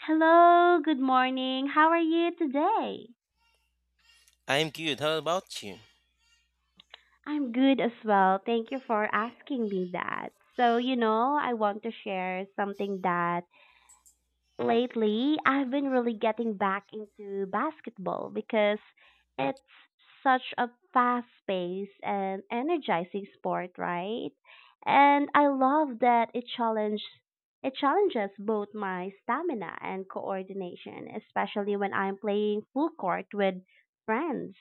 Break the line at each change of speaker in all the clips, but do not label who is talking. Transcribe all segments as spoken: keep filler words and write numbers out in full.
Hello, good morning. How are you today?
I'm good. How about you?
I'm good as well. Thank you for asking me that. So, you know, I want to share something that lately, I've been really getting back into basketball because it's such a fast paced and energizing sport, right? And I love that it challenge it challenges both my stamina and coordination, especially when I'm playing full court with friends.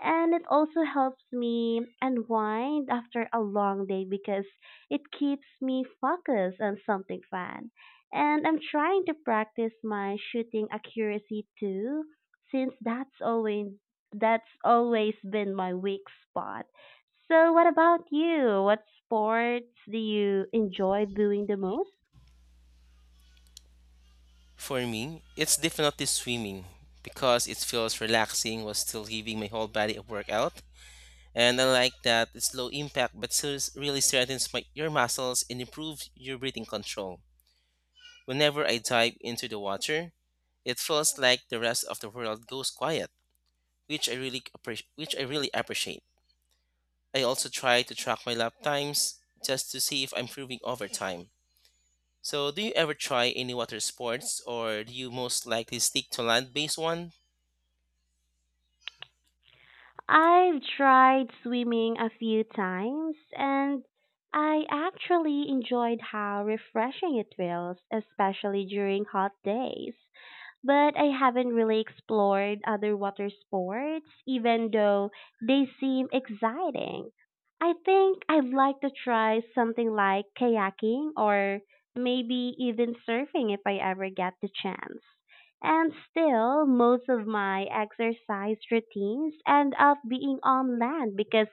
And it also helps me unwind after a long day because it keeps me focused on something fun and I'm trying to practice my shooting accuracy too, since that's always that's always been my weak spot. So what about you? What sports do you enjoy doing the most?
For me, it's definitely swimming because it feels relaxing while still giving my whole body a workout. And I like that it's low impact but still really strengthens my, your muscles and improves your breathing control. Whenever I dive into the water, it feels like the rest of the world goes quiet, which I really appreciate. Which I really appreciate. I also try to track my lap times just to see if I'm improving over time. So, do you ever try any water sports, or do you most likely stick to land-based one?
I've tried swimming a few times and I actually enjoyed how refreshing it feels, especially during hot days, but I haven't really explored other water sports, even though they seem exciting. I think I'd like to try something like kayaking or maybe even surfing if I ever get the chance. And still, most of my exercise routines end up being on land because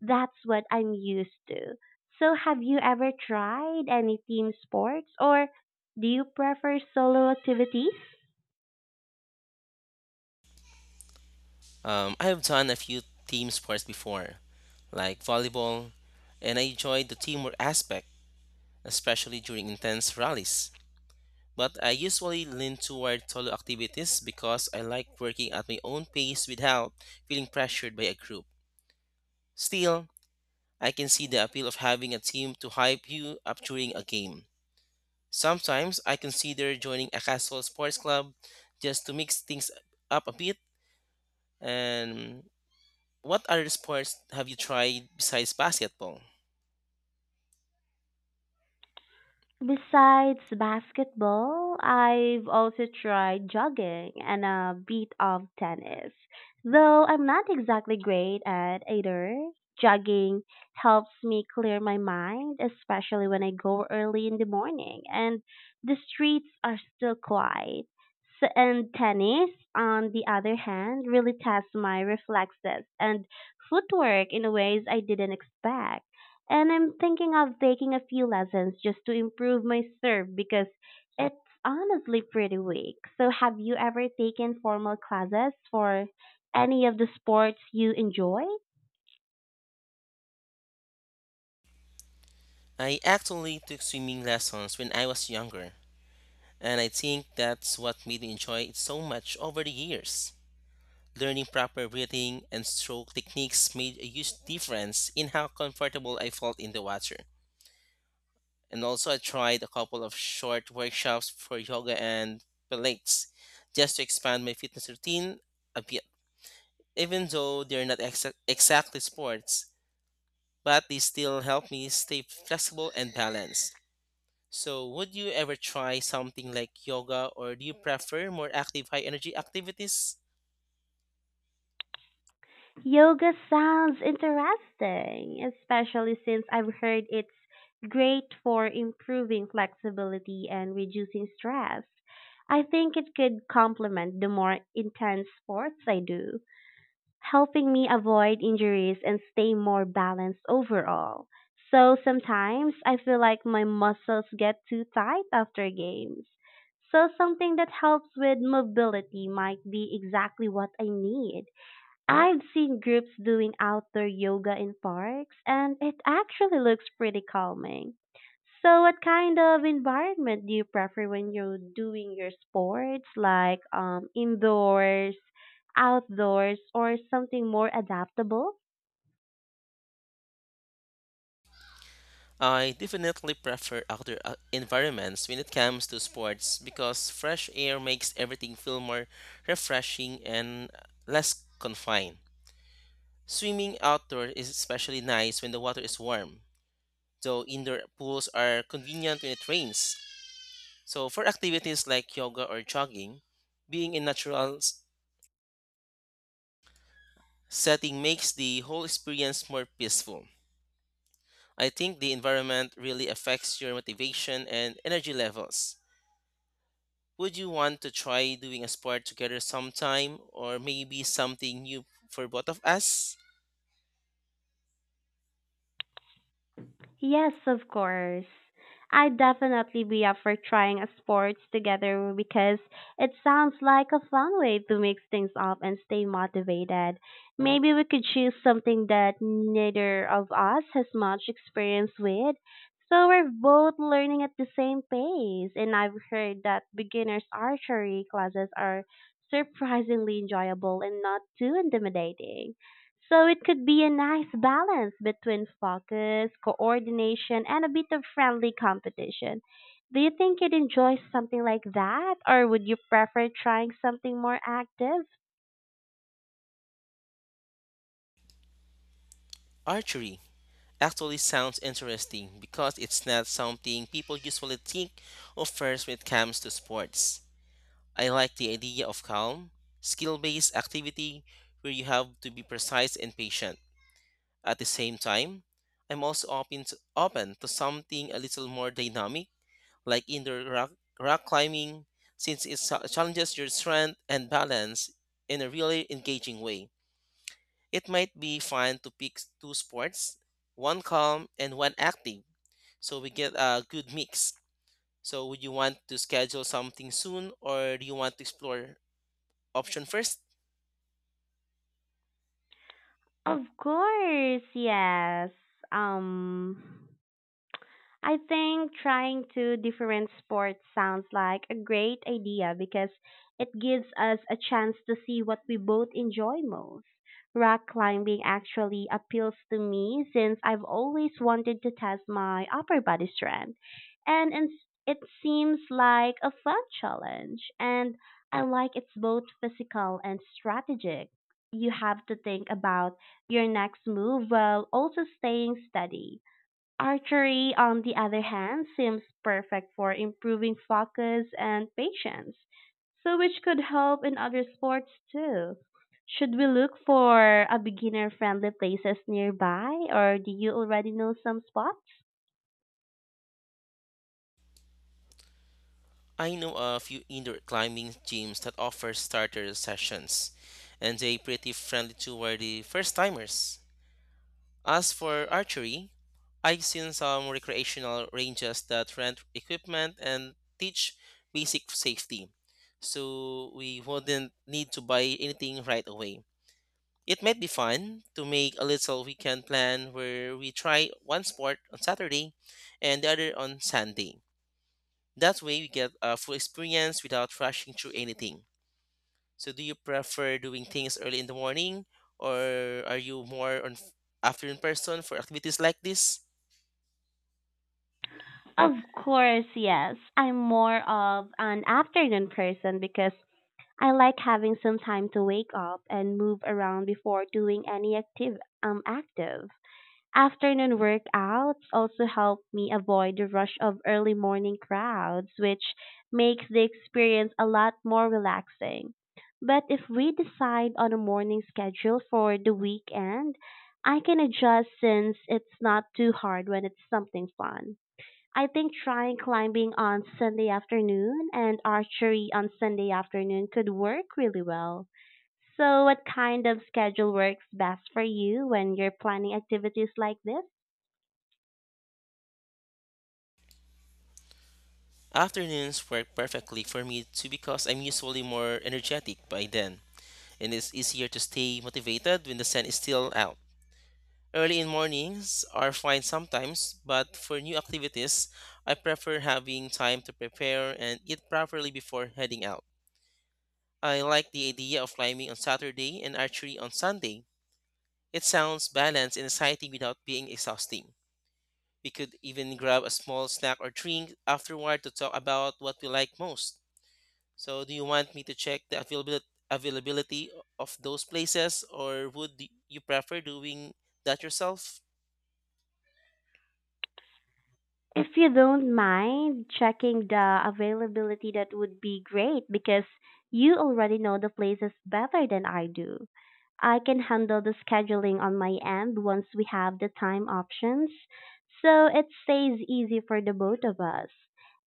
that's what I'm used to. So, have you ever tried any team sports or do you prefer solo activities?
Um, I have done a few team sports before, like volleyball, and I enjoyed the teamwork aspect, especially during intense rallies. But I usually lean toward solo activities because I like working at my own pace without feeling pressured by a group. Still, I can see the appeal of having a team to hype you up during a game. Sometimes I consider joining a casual sports club just to mix things up a bit. And what other sports have you tried besides basketball?
Besides basketball, I've also tried jogging and a bit of tennis. Though I'm not exactly great at either, jogging helps me clear my mind, especially when I go early in the morning and the streets are still quiet. So, and tennis, on the other hand, really tests my reflexes and footwork in ways I didn't expect. And I'm thinking of taking a few lessons just to improve my serve because it's honestly pretty weak. So, have you ever taken formal classes for any of the sports you enjoy?
I actually took swimming lessons when I was younger, and I think that's what made me enjoy it so much over the years. Learning proper breathing and stroke techniques made a huge difference in how comfortable I felt in the water. And also, I tried a couple of short workshops for yoga and pilates just to expand my fitness routine a bit. Even though they're not exa- exactly sports, but they still help me stay flexible and balanced. So, would you ever try something like yoga or do you prefer more active, high energy activities?
Yoga sounds interesting, especially since I've heard it's great for improving flexibility and reducing stress. I think it could complement the more intense sports I do, helping me avoid injuries and stay more balanced overall. So sometimes I feel like my muscles get too tight after games. So something that helps with mobility might be exactly what I need. I've seen groups doing outdoor yoga in parks and it actually looks pretty calming. So what kind of environment do you prefer when you're doing your sports, like um indoors, outdoors, or something more adaptable?
I definitely prefer outdoor uh, environments when it comes to sports because fresh air makes everything feel more refreshing and less confined. Swimming outdoor is especially nice when the water is warm, though indoor pools are convenient when it rains. So, for activities like yoga or jogging, being in natural s- setting makes the whole experience more peaceful. I think the environment really affects your motivation and energy levels. Would you want to try doing a sport together sometime, or maybe something new for both of us?
Yes, of course. I'd definitely be up for trying a sports together because it sounds like a fun way to mix things up and stay motivated. Maybe we could choose something that neither of us has much experience with, so we're both learning at the same pace. And I've heard that beginners archery classes are surprisingly enjoyable and not too intimidating. So it could be a nice balance between focus, coordination, and a bit of friendly competition. Do you think you'd enjoy something like that, or would you prefer trying something more active?
Archery actually sounds interesting because it's not something people usually think of first when it comes to sports. I like the idea of calm, skill based activity where you have to be precise and patient. At the same time, I'm also open to, open to something a little more dynamic, like indoor rock, rock climbing, since it cha- challenges your strength and balance in a really engaging way. It might be fun to pick two sports, one calm and one active so we get a good mix. So would you want to schedule something soon or do you want to explore option first?
Of course, yes. Um, I think trying two different sports sounds like a great idea because it gives us a chance to see what we both enjoy most. Rock climbing actually appeals to me since I've always wanted to test my upper body strength, and it's- it seems like a fun challenge. And I like it's both physical and strategic. You have to think about your next move while also staying steady. Archery, on the other hand, seems perfect for improving focus and patience, so which could help in other sports too. Should we look for a beginner friendly places nearby or do you already know some spots?
I know a few indoor climbing gyms that offer starter sessions and they pretty friendly toward the first timers. As for archery, I've seen some recreational ranges that rent equipment and teach basic safety. So we wouldn't need to buy anything right away. It might be fun to make a little weekend plan where we try one sport on Saturday and the other on Sunday. That way, we get a full experience without rushing through anything. So, do you prefer doing things early in the morning, or are you more on f- afternoon person for activities like this?
Of course, yes. I'm more of an afternoon person because I like having some time to wake up and move around before doing any active um active. Afternoon workouts also help me avoid the rush of early morning crowds, which makes the experience a lot more relaxing. But if we decide on a morning schedule for the weekend, I can adjust since it's not too hard when it's something fun. I think trying climbing on Sunday afternoon and archery on Sunday afternoon could work really well. So, what kind of schedule works best for you when you're planning activities like this?
Afternoons work perfectly for me too because I'm usually more energetic by then, and it's easier to stay motivated when the sun is still out. Early in mornings are fine sometimes, but for new activities, I prefer having time to prepare and eat properly before heading out. I like the idea of climbing on Saturday and archery on Sunday. It sounds balanced and exciting without being exhausting. We could even grab a small snack or drink afterward to talk about what we like most. So, do you want me to check the availabil- availability of those places, or would you prefer doing that yourself?
If you don't mind checking the availability, that would be great because you already know the places better than I do. I can handle the scheduling on my end once we have the time options, so it stays easy for the both of us.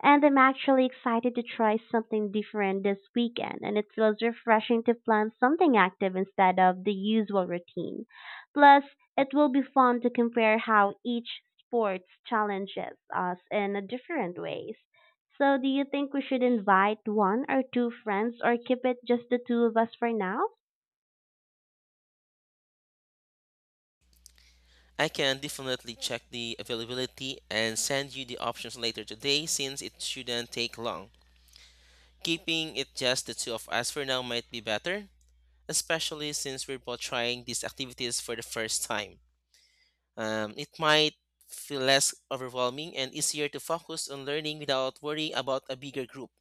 And I'm actually excited to try something different this weekend, and it feels refreshing to plan something active instead of the usual routine. Plus, it will be fun to compare how each sport challenges us in a different ways. So, do you think we should invite one or two friends or keep it just the two of us for now?
I can definitely check the availability and send you the options later today since it shouldn't take long. Keeping it just the two of us for now might be better, especially since we're both trying these activities for the first time. Um, it might feel less overwhelming and easier to focus on learning without worrying about a bigger group.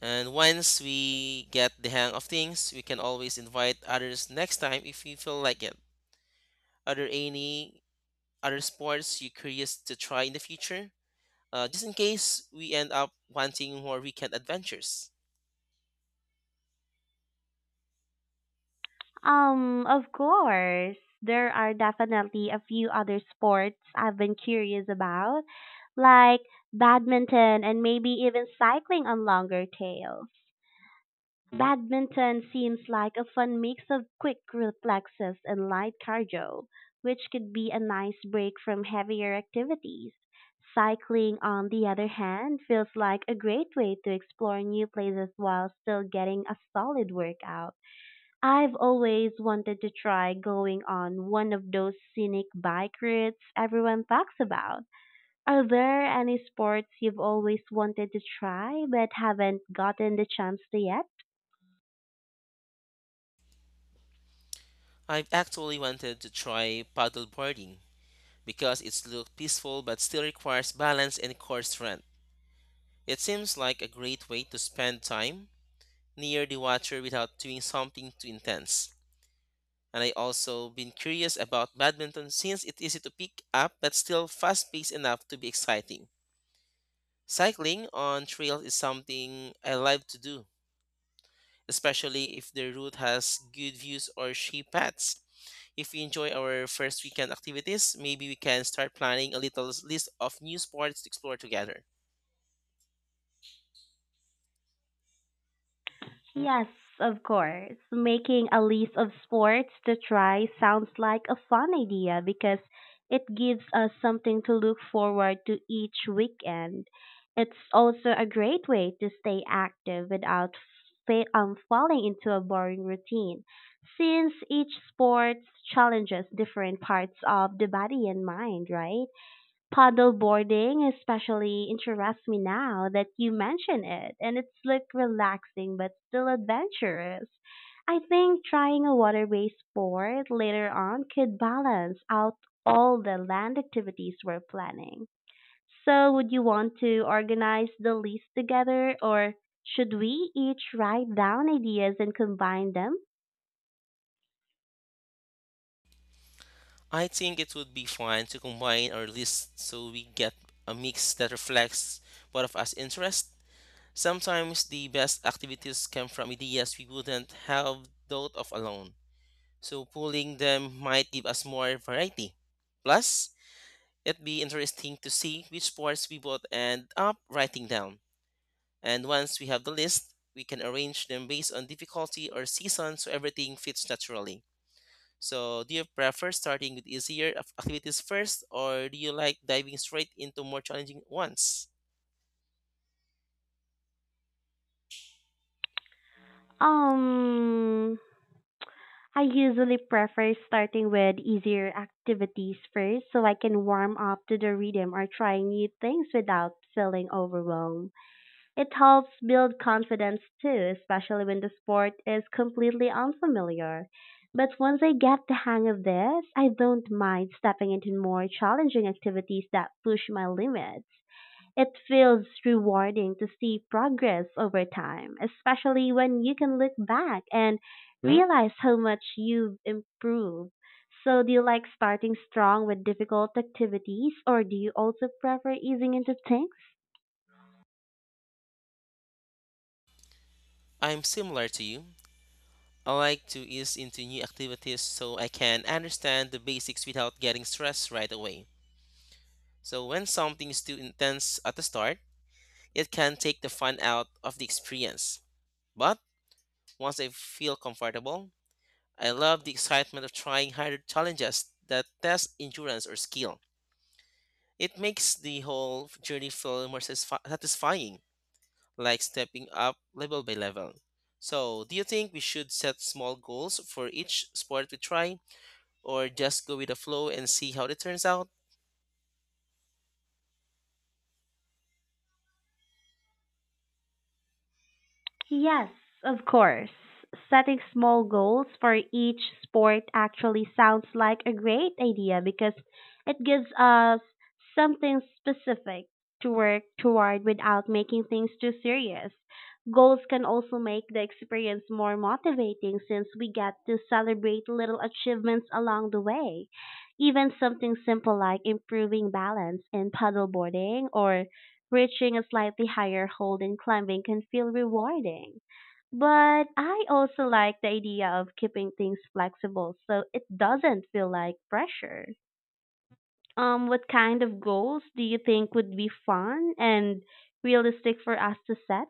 And once we get the hang of things, we can always invite others next time if we feel like it. Are there any other sports you're curious to try in the future? Uh, just in case we end up wanting more weekend adventures.
Um, of course, there are definitely a few other sports I've been curious about, like badminton and maybe even cycling on longer tails. Badminton seems like a fun mix of quick reflexes and light cardio, which could be a nice break from heavier activities. Cycling, on the other hand, feels like a great way to explore new places while still getting a solid workout. I've always wanted to try going on one of those scenic bike rides everyone talks about. Are there any sports you've always wanted to try but haven't gotten the chance to yet?
I've actually wanted to try paddleboarding because it's looked peaceful but still requires balance and core strength. It seems like a great way to spend time near the water without doing something too intense. And I also been curious about badminton since it's easy to pick up but still fast paced enough to be exciting. Cycling on trails is something I love to do especially if the route has good views or shape paths. If we enjoy our first weekend activities, maybe we can start planning a little list of new sports to explore together.
Yes, of course. Making a list of sports to try sounds like a fun idea because it gives us something to look forward to each weekend. It's also a great way to stay active without fa- um, falling into a boring routine, since each sport challenges different parts of the body and mind, right? Paddleboarding especially interests me now that you mention it, and it's look relaxing but still adventurous. I think trying a water-based sport later on could balance out all the land activities we're planning. So, would you want to organize the list together, or should we each write down ideas and combine them?
I think it would be fun to combine our list so we get a mix that reflects both of us' interests. Sometimes the best activities come from ideas we wouldn't have thought of alone, so pulling them might give us more variety. Plus, it'd be interesting to see which sports we both end up writing down. And once we have the list, we can arrange them based on difficulty or season so everything fits naturally. So, do you prefer starting with easier ac- activities first, or do you like diving straight into more challenging ones?
Um, I usually prefer starting with easier activities first so I can warm up to the rhythm or try new things without feeling overwhelmed. It helps build confidence too, especially when the sport is completely unfamiliar. But once I get the hang of this, I don't mind stepping into more challenging activities that push my limits. It feels rewarding to see progress over time, especially when you can look back and Hmm? realize how much you've improved. So, do you like starting strong with difficult activities, or do you also prefer easing into things?
I'm similar to you. I like to ease into new activities so I can understand the basics without getting stressed right away. So, when something is too intense at the start, it can take the fun out of the experience. But once I feel comfortable. I love the excitement of trying harder challenges that test endurance or skill. It makes the whole journey feel more satisfi- satisfying, like stepping up level by level. So, do you think we should set small goals for each sport we try, or just go with the flow and see how it turns out?
Yes, of course. Setting small goals for each sport actually sounds like a great idea because it gives us something specific to work toward without making things too serious. Goals can also make the experience more motivating since we get to celebrate little achievements along the way. Even something simple like improving balance in paddleboarding or reaching a slightly higher hold in climbing can feel rewarding. But I also like the idea of keeping things flexible so it doesn't feel like pressure. Um, what kind of goals do you think would be fun and realistic for us to set?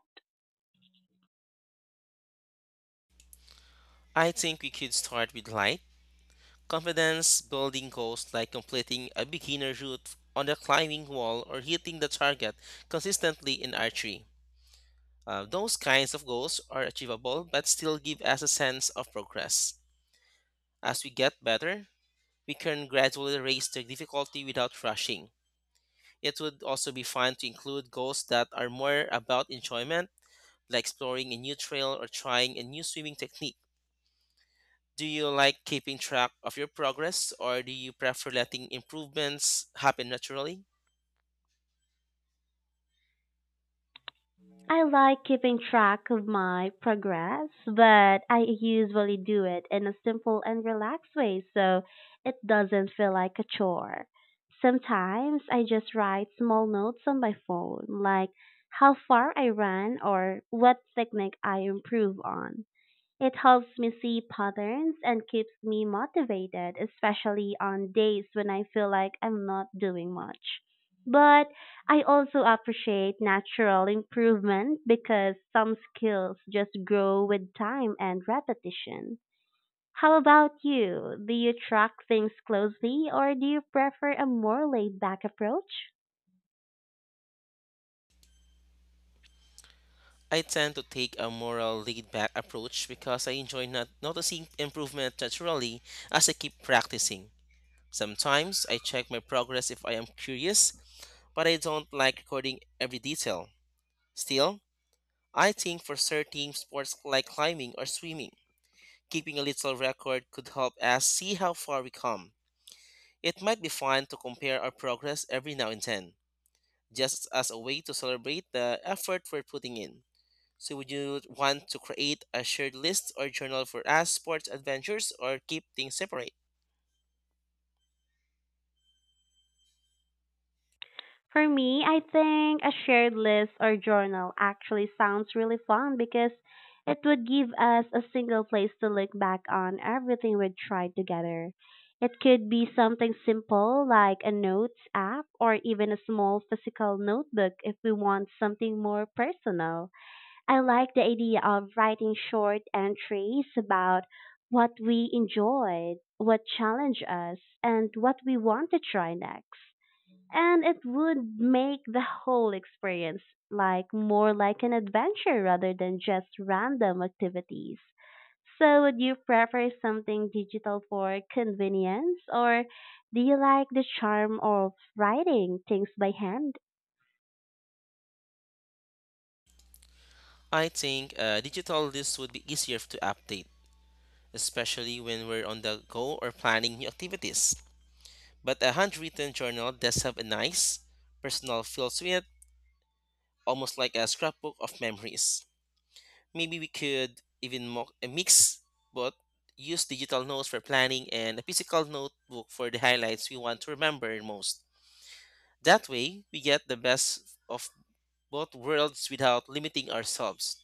I think we could start with light, confidence building goals like completing a beginner route on the climbing wall or hitting the target consistently in archery. Uh, those kinds of goals are achievable but still give us a sense of progress. As we get better, we can gradually raise the difficulty without rushing. It would also be fun to include goals that are more about enjoyment, like exploring a new trail or trying a new swimming technique. Do you like keeping track of your progress or do you prefer letting improvements happen naturally?
I like keeping track of my progress, but I usually do it in a simple and relaxed way so it doesn't feel like a chore. Sometimes I just write small notes on my phone, like how far I ran or what technique I improve on. It helps me see patterns and keeps me motivated, especially on days when I feel like I'm not doing much. But I also appreciate natural improvement because some skills just grow with time and repetition. How about you? Do you track things closely or do you prefer a more laid back approach?
I tend to take a more laid back approach because I enjoy not noticing improvement naturally as I keep practicing. Sometimes I check my progress if I am curious, but I don't like recording every detail. Still, I think for certain sports like climbing or swimming, keeping a little record could help us see how far we come. It might be fun to compare our progress every now and then, just as a way to celebrate the effort we're putting in. So, would you want to create a shared list or journal for us sports adventures or keep things separate?
For me, I think a shared list or journal actually sounds really fun because it would give us a single place to look back on everything we'd tried together. It could be something simple like a notes app or even a small physical notebook if we want something more personal. I like the idea of writing short entries about what we enjoyed, what challenged us, and what we want to try next, and it would make the whole experience like more like an adventure rather than just random activities. So would you prefer something digital for convenience or do you like the charm of writing things by hand?
I think a digital list would be easier to update especially when we're on the go or planning new activities. But a handwritten journal does have a nice, personal feel to it, almost like a scrapbook of memories. Maybe we could even mo- uh, mix both use digital notes for planning and a physical notebook for the highlights we want to remember most. That way, we get the best of both worlds without limiting ourselves.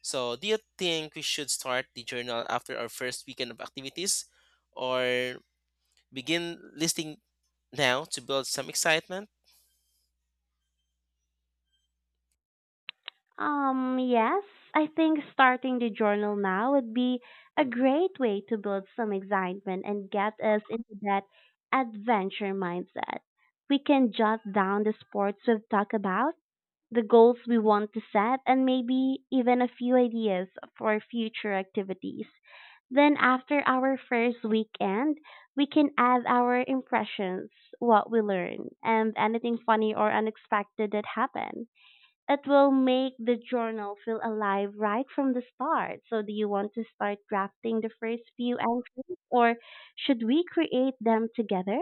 So, do you think we should start the journal after our first weekend of activities or begin listing now to build some excitement.
Um yes, I think starting the journal now would be a great way to build some excitement and get us into that adventure mindset. We can jot down the sports we've talked about, the goals we want to set, and maybe even a few ideas for future activities. Then, after our first weekend, we can add our impressions, what we learn, and anything funny or unexpected that happened. It will make the journal feel alive right from the start. So, do you want to start drafting the first few entries, or should we create them together?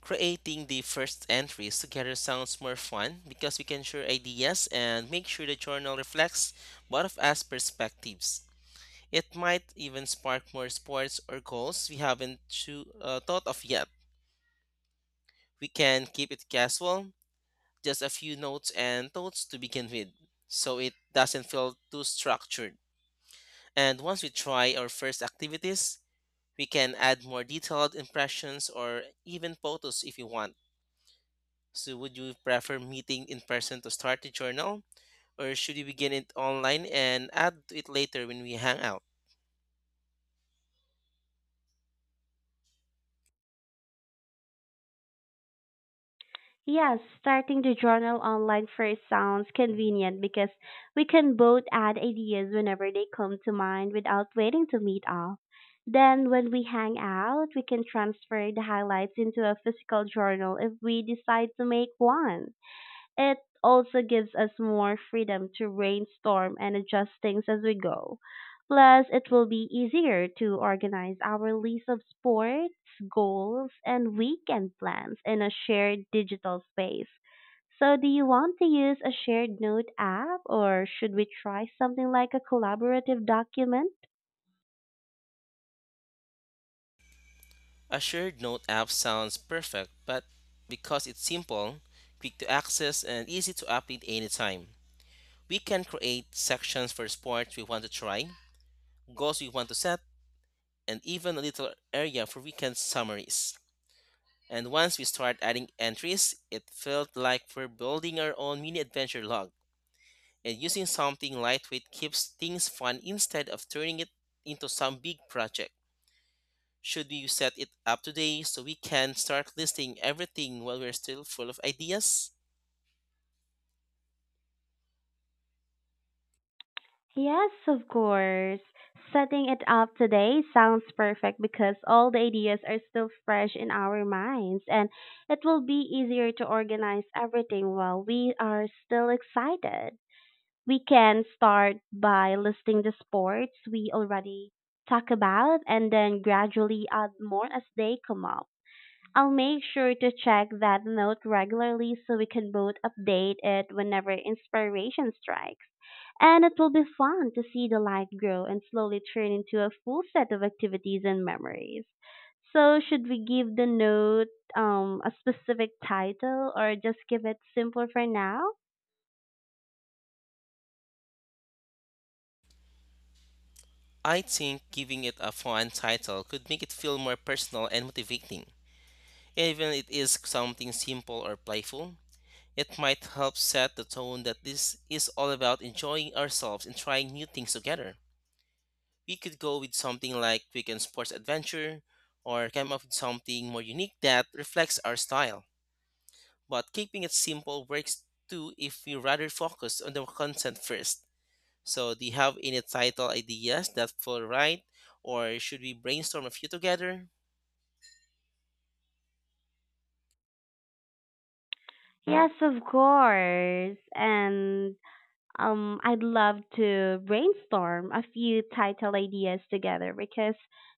Creating the first entries together sounds more fun because we can share ideas and make sure the journal reflects both of us perspectives. It might even spark more sports or goals we haven't choo- uh, thought of yet. We can keep it casual, just a few notes and thoughts to begin with, so it doesn't feel too structured. And once we try our first activities, we can add more detailed impressions or even photos if you want. So, would you prefer meeting in person to start the journal, or should you begin it online and add to it later when we hang out?
Yes, starting the journal online first sounds convenient because we can both add ideas whenever they come to mind without waiting to meet up. Then, when we hang out, we can transfer the highlights into a physical journal if we decide to make one. It also gives us more freedom to brainstorm and adjust things as we go. Plus, it will be easier to organize our list of sports, goals, and weekend plans in a shared digital space. So, do you want to use a shared note app or should we try something like a collaborative document?
A shared note app sounds perfect, but because it's simple, quick to access, and easy to update anytime, we can create sections for sports we want to try goals we want to set, and even a little area for weekend summaries. And once we start adding entries, it felt like we're building our own mini adventure log. And using something lightweight keeps things fun instead of turning it into some big project. Should we set it up today so we can start listing everything while we're still full of ideas?
Yes, of course. Setting it up today sounds perfect because all the ideas are still fresh in our minds, and it will be easier to organize everything while we are still excited. We can start by listing the sports we already talk about and then gradually add more as they come up. I'll make sure to check that note regularly so we can both update it whenever inspiration strikes. And it will be fun to see the light grow and slowly turn into a full set of activities and memories. So, should we give the note um, a specific title or just keep it simple for now?
I think giving it a fun title could make it feel more personal and motivating. Even if it is something simple or playful, it might help set the tone that this is all about enjoying ourselves and trying new things together. We could go with something like weekend sports adventure or come up with something more unique that reflects our style. But keeping it simple works too if we rather focus on the content first. So, do you have any title ideas that feel right, or should we brainstorm a few together?
Yes, of course. And Um, I'd love to brainstorm a few title ideas together because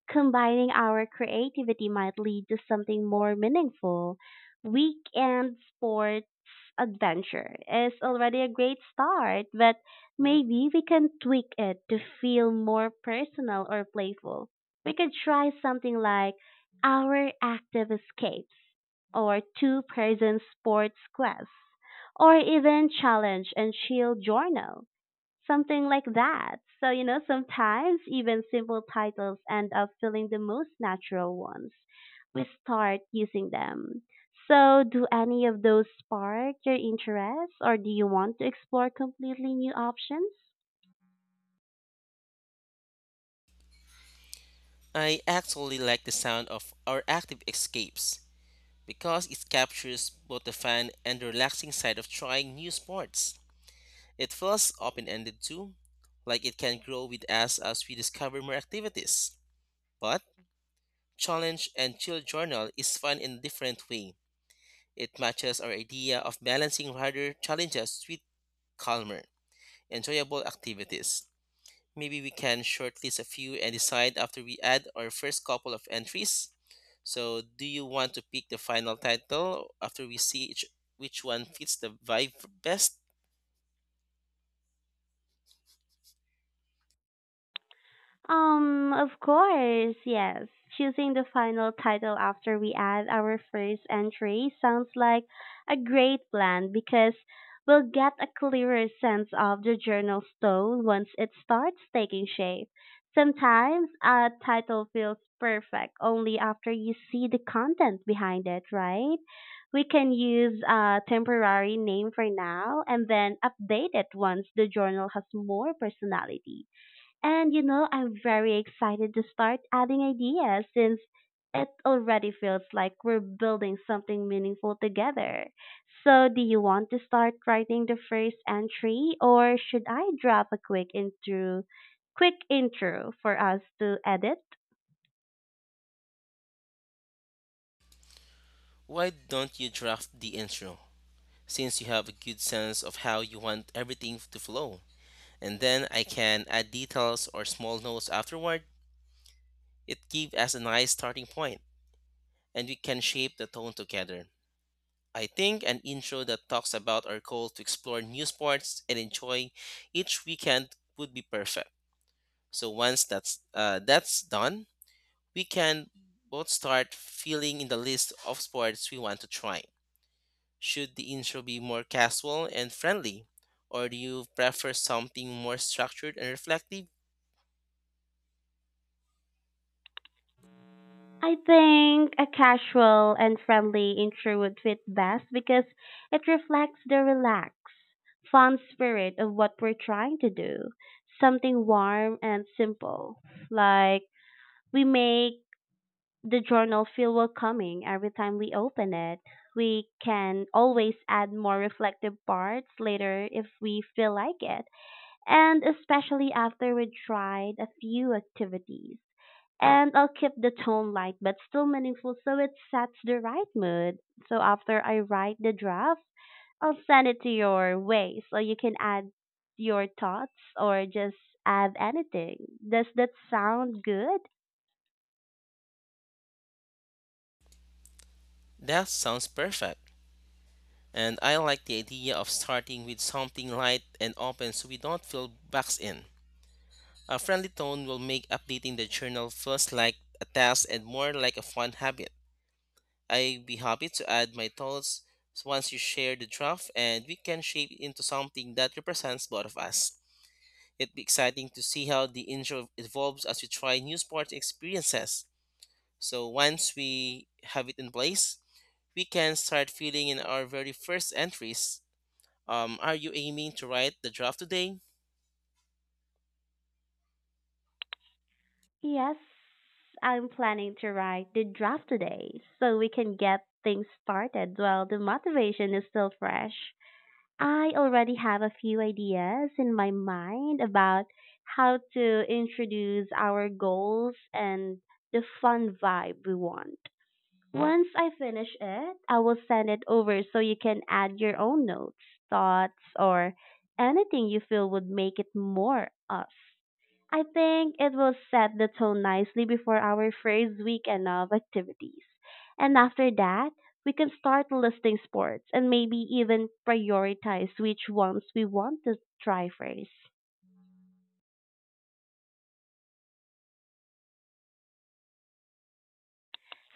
combining our creativity might lead to something more meaningful. Weekend sports adventure is already a great start, but maybe we can tweak it to feel more personal or playful. We could try something like our active escapes or two person sports quest or even challenge and chill journal, something like that. So, you know, sometimes even simple titles end up feeling the most natural ones. We start using them. So, do any of those spark your interest, or do you want to explore completely new options?
I actually like the sound of our active escapes because it captures both the fun and the relaxing side of trying new sports. It feels open ended too, like it can grow with us as we discover more activities. But Challenge and Chill Journal is fun in a different way. It matches our idea of balancing harder challenges with calmer, enjoyable activities. Maybe we can shortlist a few and decide after we add our first couple of entries. So, do you want to pick the final title after we see each, which one fits the vibe best?
Um, of course, yes. Choosing the final title after we add our first entry sounds like a great plan because we'll get a clearer sense of the journal's tone once it starts taking shape. Sometimes a title feels perfect only after you see the content behind it, right? We can use a temporary name for now and then update it once the journal has more personality. And you know, I'm very excited to start adding ideas since it already feels like we're building something meaningful together. So, do you want to start writing the first entry or should I drop a quick intro, quick intro for us to edit?
Why don't you draft the intro? Since you have a good sense of how you want everything to flow. And then I can add details or small notes afterward. It gives us a nice starting point, and we can shape the tone together. I think an intro that talks about our goal to explore new sports and enjoy each weekend would be perfect. So once that's uh, that's done, we can both start filling in the list of sports we want to try. Should the intro be more casual and friendly? Or do you prefer something more structured and reflective?
I think a casual and friendly intro would fit best because it reflects the relaxed, fun spirit of what we're trying to do. Something warm and simple. Like, we make the journal feel welcoming every time we open it. We can always add more reflective parts later if we feel like it, and especially after we tried a few activities. And I'll keep the tone light but still meaningful so it sets the right mood. So after I write the draft, I'll send it to your way so you can add your thoughts or just add anything. Does that sound good?
That sounds perfect. And I like the idea of starting with something light and open so we don't feel boxed in. A friendly tone will make updating the journal feels like a task and more like a fun habit. I'd be happy to add my thoughts once you share the draft and we can shape it into something that represents both of us. It'd be exciting to see how the intro evolves as we try new sports experiences. So once we have it in place, we can start filling in our very first entries. Um, are you aiming to write the draft today?
Yes, I'm planning to write the draft today so we can get things started while the motivation is still fresh. I already have a few ideas in my mind about how to introduce our goals and the fun vibe we want. Once I finish it, I will send it over so you can add your own notes, thoughts, or anything you feel would make it more us. I think it will set the tone nicely before our first weekend of activities. And after that, we can start listing sports and maybe even prioritize which ones we want to try first.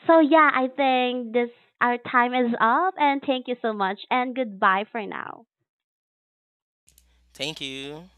So yeah, I think this our time is up, and thank you so much, and goodbye for now.
Thank you.